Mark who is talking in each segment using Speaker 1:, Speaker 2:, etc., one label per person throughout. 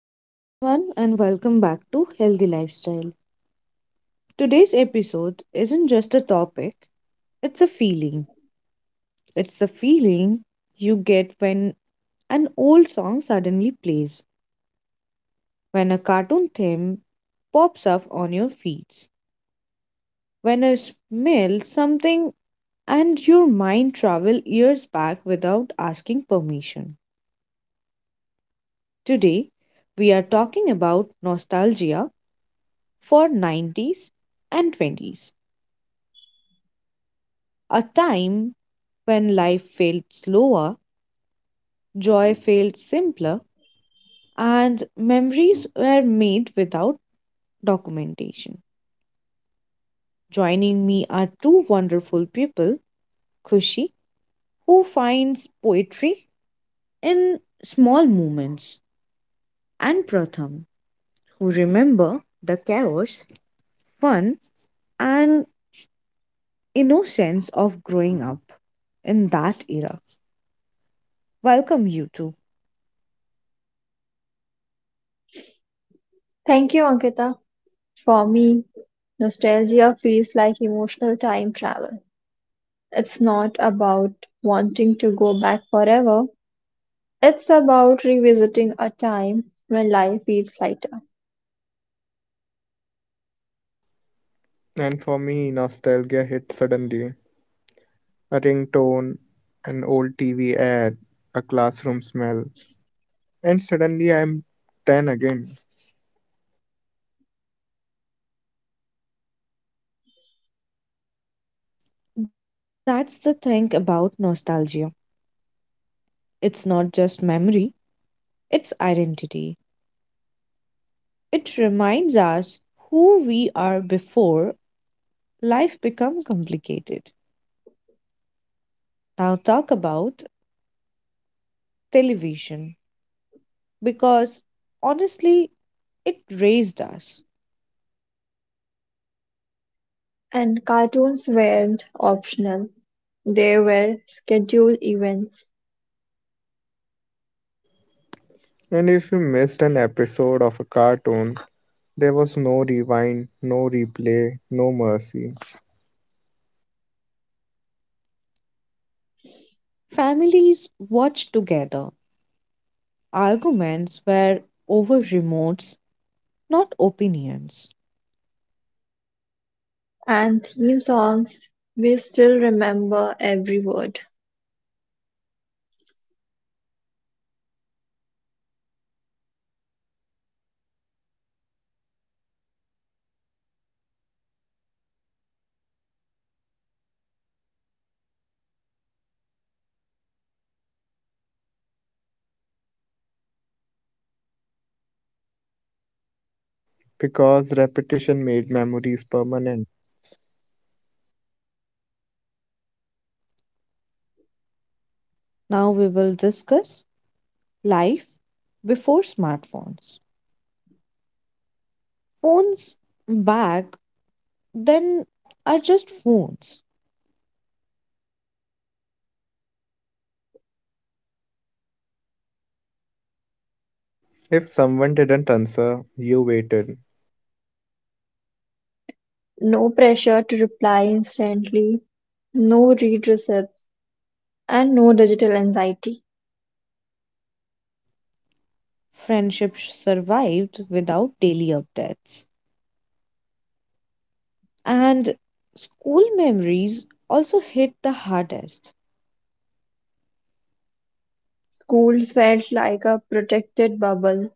Speaker 1: Hello, everyone, and welcome back to Healthy Lifestyle. Today's episode isn't just a topic, it's a feeling. It's the feeling you get when an old song suddenly plays, when a cartoon theme pops up on your feeds, when you smell something and your mind travels years back without asking permission. Today, we are talking about nostalgia for 90s and 20s. A time when life felt slower, joy felt simpler, and memories were made without documentation. Joining me are two wonderful people: Kushi, who finds poetry in small moments, and Pratham, who remember the chaos, fun, and innocence of growing up in that era. Welcome, you two.
Speaker 2: Thank you, Ankita. For me, nostalgia feels like emotional time travel. It's not about wanting to go back forever, it's about revisiting a time when life feels lighter.
Speaker 3: And for me, nostalgia hit suddenly. A ringtone, an old TV ad, a classroom smell, and suddenly I'm 10 again.
Speaker 1: That's the thing about nostalgia. It's not just memory, it's identity. It reminds us who we are before life become complicated. Now talk about television, because honestly it raised us.
Speaker 2: And cartoons weren't optional, they were scheduled events
Speaker 3: And if you missed an episode of a cartoon, there was no rewind, no replay, no mercy,
Speaker 1: Families watched together. Arguments were over remotes, not opinions.
Speaker 2: and theme songs. We still remember every word.
Speaker 3: because repetition made memories permanent.
Speaker 1: Now we will discuss life before smartphones. Phones back then are just phones.
Speaker 3: If someone didn't answer, you waited.
Speaker 2: No pressure to reply instantly, no read receipts, and no digital anxiety.
Speaker 1: Friendships survived without daily updates. And school memories also hit the hardest.
Speaker 2: School felt like a protected bubble.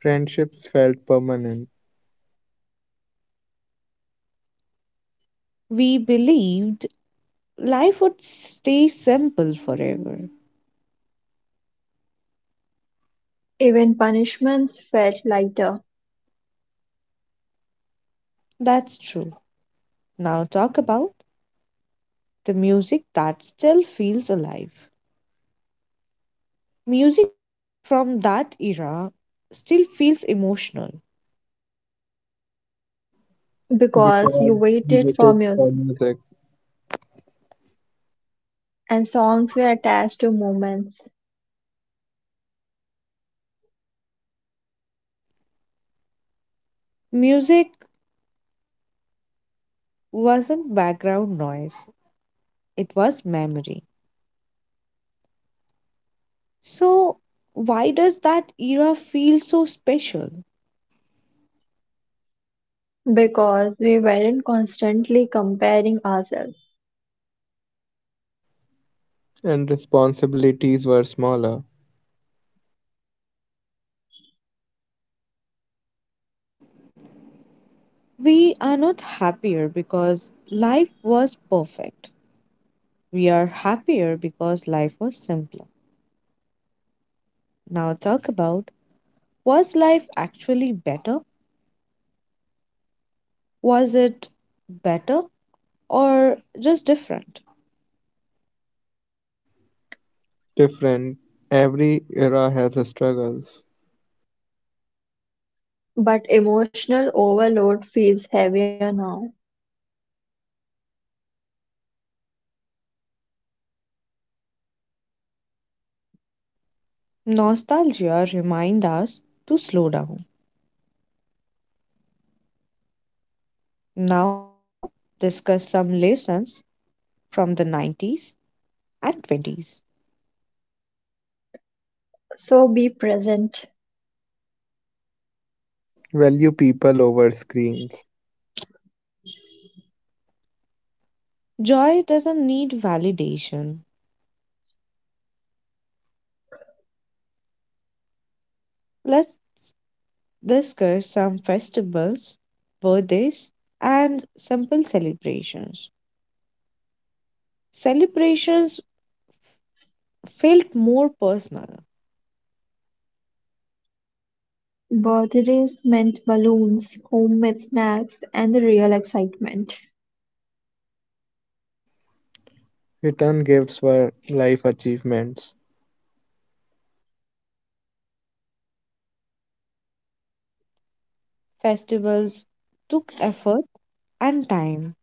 Speaker 3: Friendships felt permanent
Speaker 1: We believed life would stay simple forever.
Speaker 2: Even punishments felt lighter
Speaker 1: That's true. Now, talk about the music that still feels alive. Music from that era still feels emotional.
Speaker 2: because
Speaker 3: because
Speaker 2: you
Speaker 3: we
Speaker 2: waited for
Speaker 3: waited for
Speaker 2: music
Speaker 3: music,
Speaker 2: and songs were attached to moments
Speaker 1: Music wasn't background noise, it was memory. So, why does that era feel so special?
Speaker 2: because we weren't constantly comparing ourselves.
Speaker 3: and responsibilities were smaller.
Speaker 1: We are not happier because life was perfect. We are happier because life was simpler. Now, talk about, was life actually better? Was it better or just different?
Speaker 3: Different. Every era has its struggles.
Speaker 2: But emotional overload feels heavier now.
Speaker 1: Nostalgia reminds us to slow down. Now, discuss some lessons from the 90s and 20s.
Speaker 2: So be present.
Speaker 3: Value people over screens.
Speaker 1: Joy doesn't need validation. Let's discuss some festivals, birthdays, and simple celebrations. Celebrations felt more personal.
Speaker 2: Birthdays meant balloons, homemade snacks, and the real excitement.
Speaker 3: Return gifts were life achievements.
Speaker 1: Festivals took effort and time.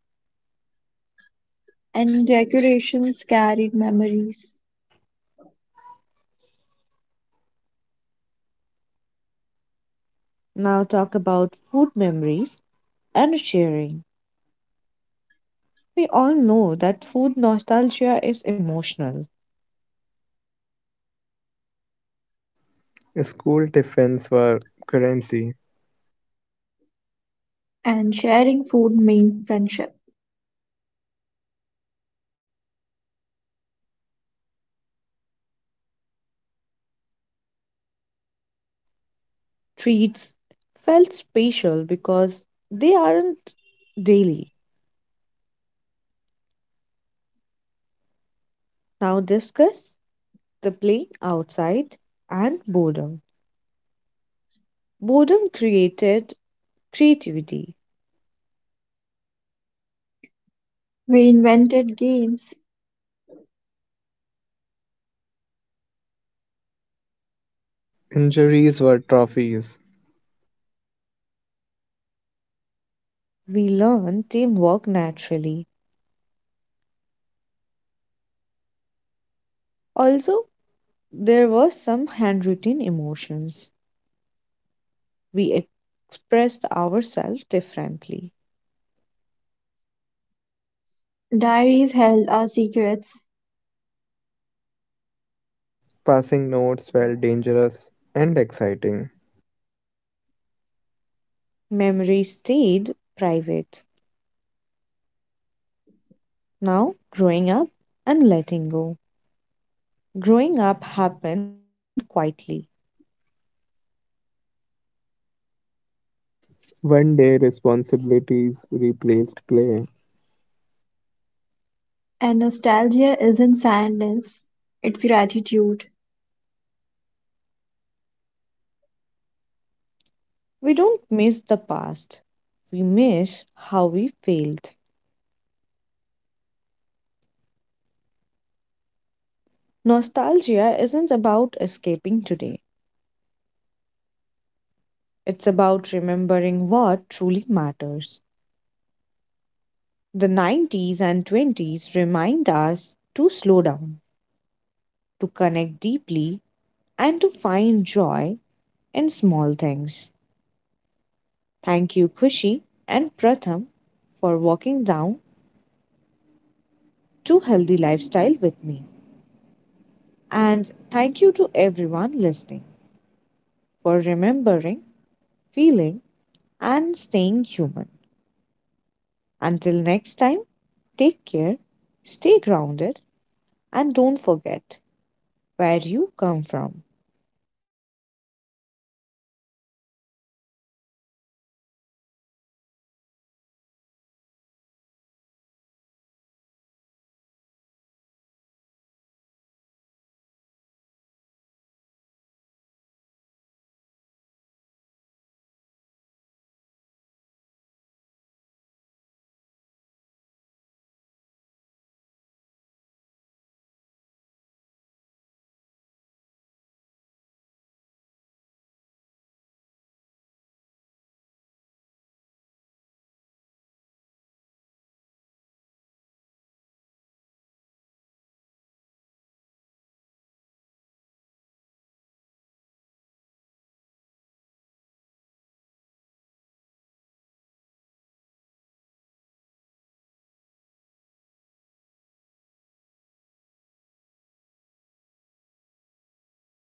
Speaker 2: And decorations carried memories,
Speaker 1: Now, talk about food memories and sharing. We all know that food nostalgia is emotional.
Speaker 3: School tiffins were currency.
Speaker 2: and sharing food meant friendship.
Speaker 1: Treats felt special because they aren't daily. Now discuss the play outside and boredom. Boredom created creativity.
Speaker 2: We invented games,
Speaker 3: Injuries were trophies.
Speaker 1: We learned teamwork naturally. Also, there were some handwritten emotions. We ex- expressed ourselves differently.
Speaker 2: diaries held our secrets,
Speaker 3: Passing notes felt dangerous and exciting.
Speaker 1: Memory stayed private. Now, growing up and letting go. Growing up happened quietly.
Speaker 3: One day responsibilities replaced play.
Speaker 2: and nostalgia isn't sadness, it's gratitude.
Speaker 1: We don't miss the past, we miss how we failed. Nostalgia isn't about escaping today, it's about remembering what truly matters. The 90s and 20s remind us to slow down, to connect deeply, and to find joy in small things. Thank you, Kushi and Pratham, for walking down to Healthy Lifestyle with me. And thank you to everyone listening for remembering, feeling, and staying human. Until next time, take care, stay grounded, and don't forget where you come from.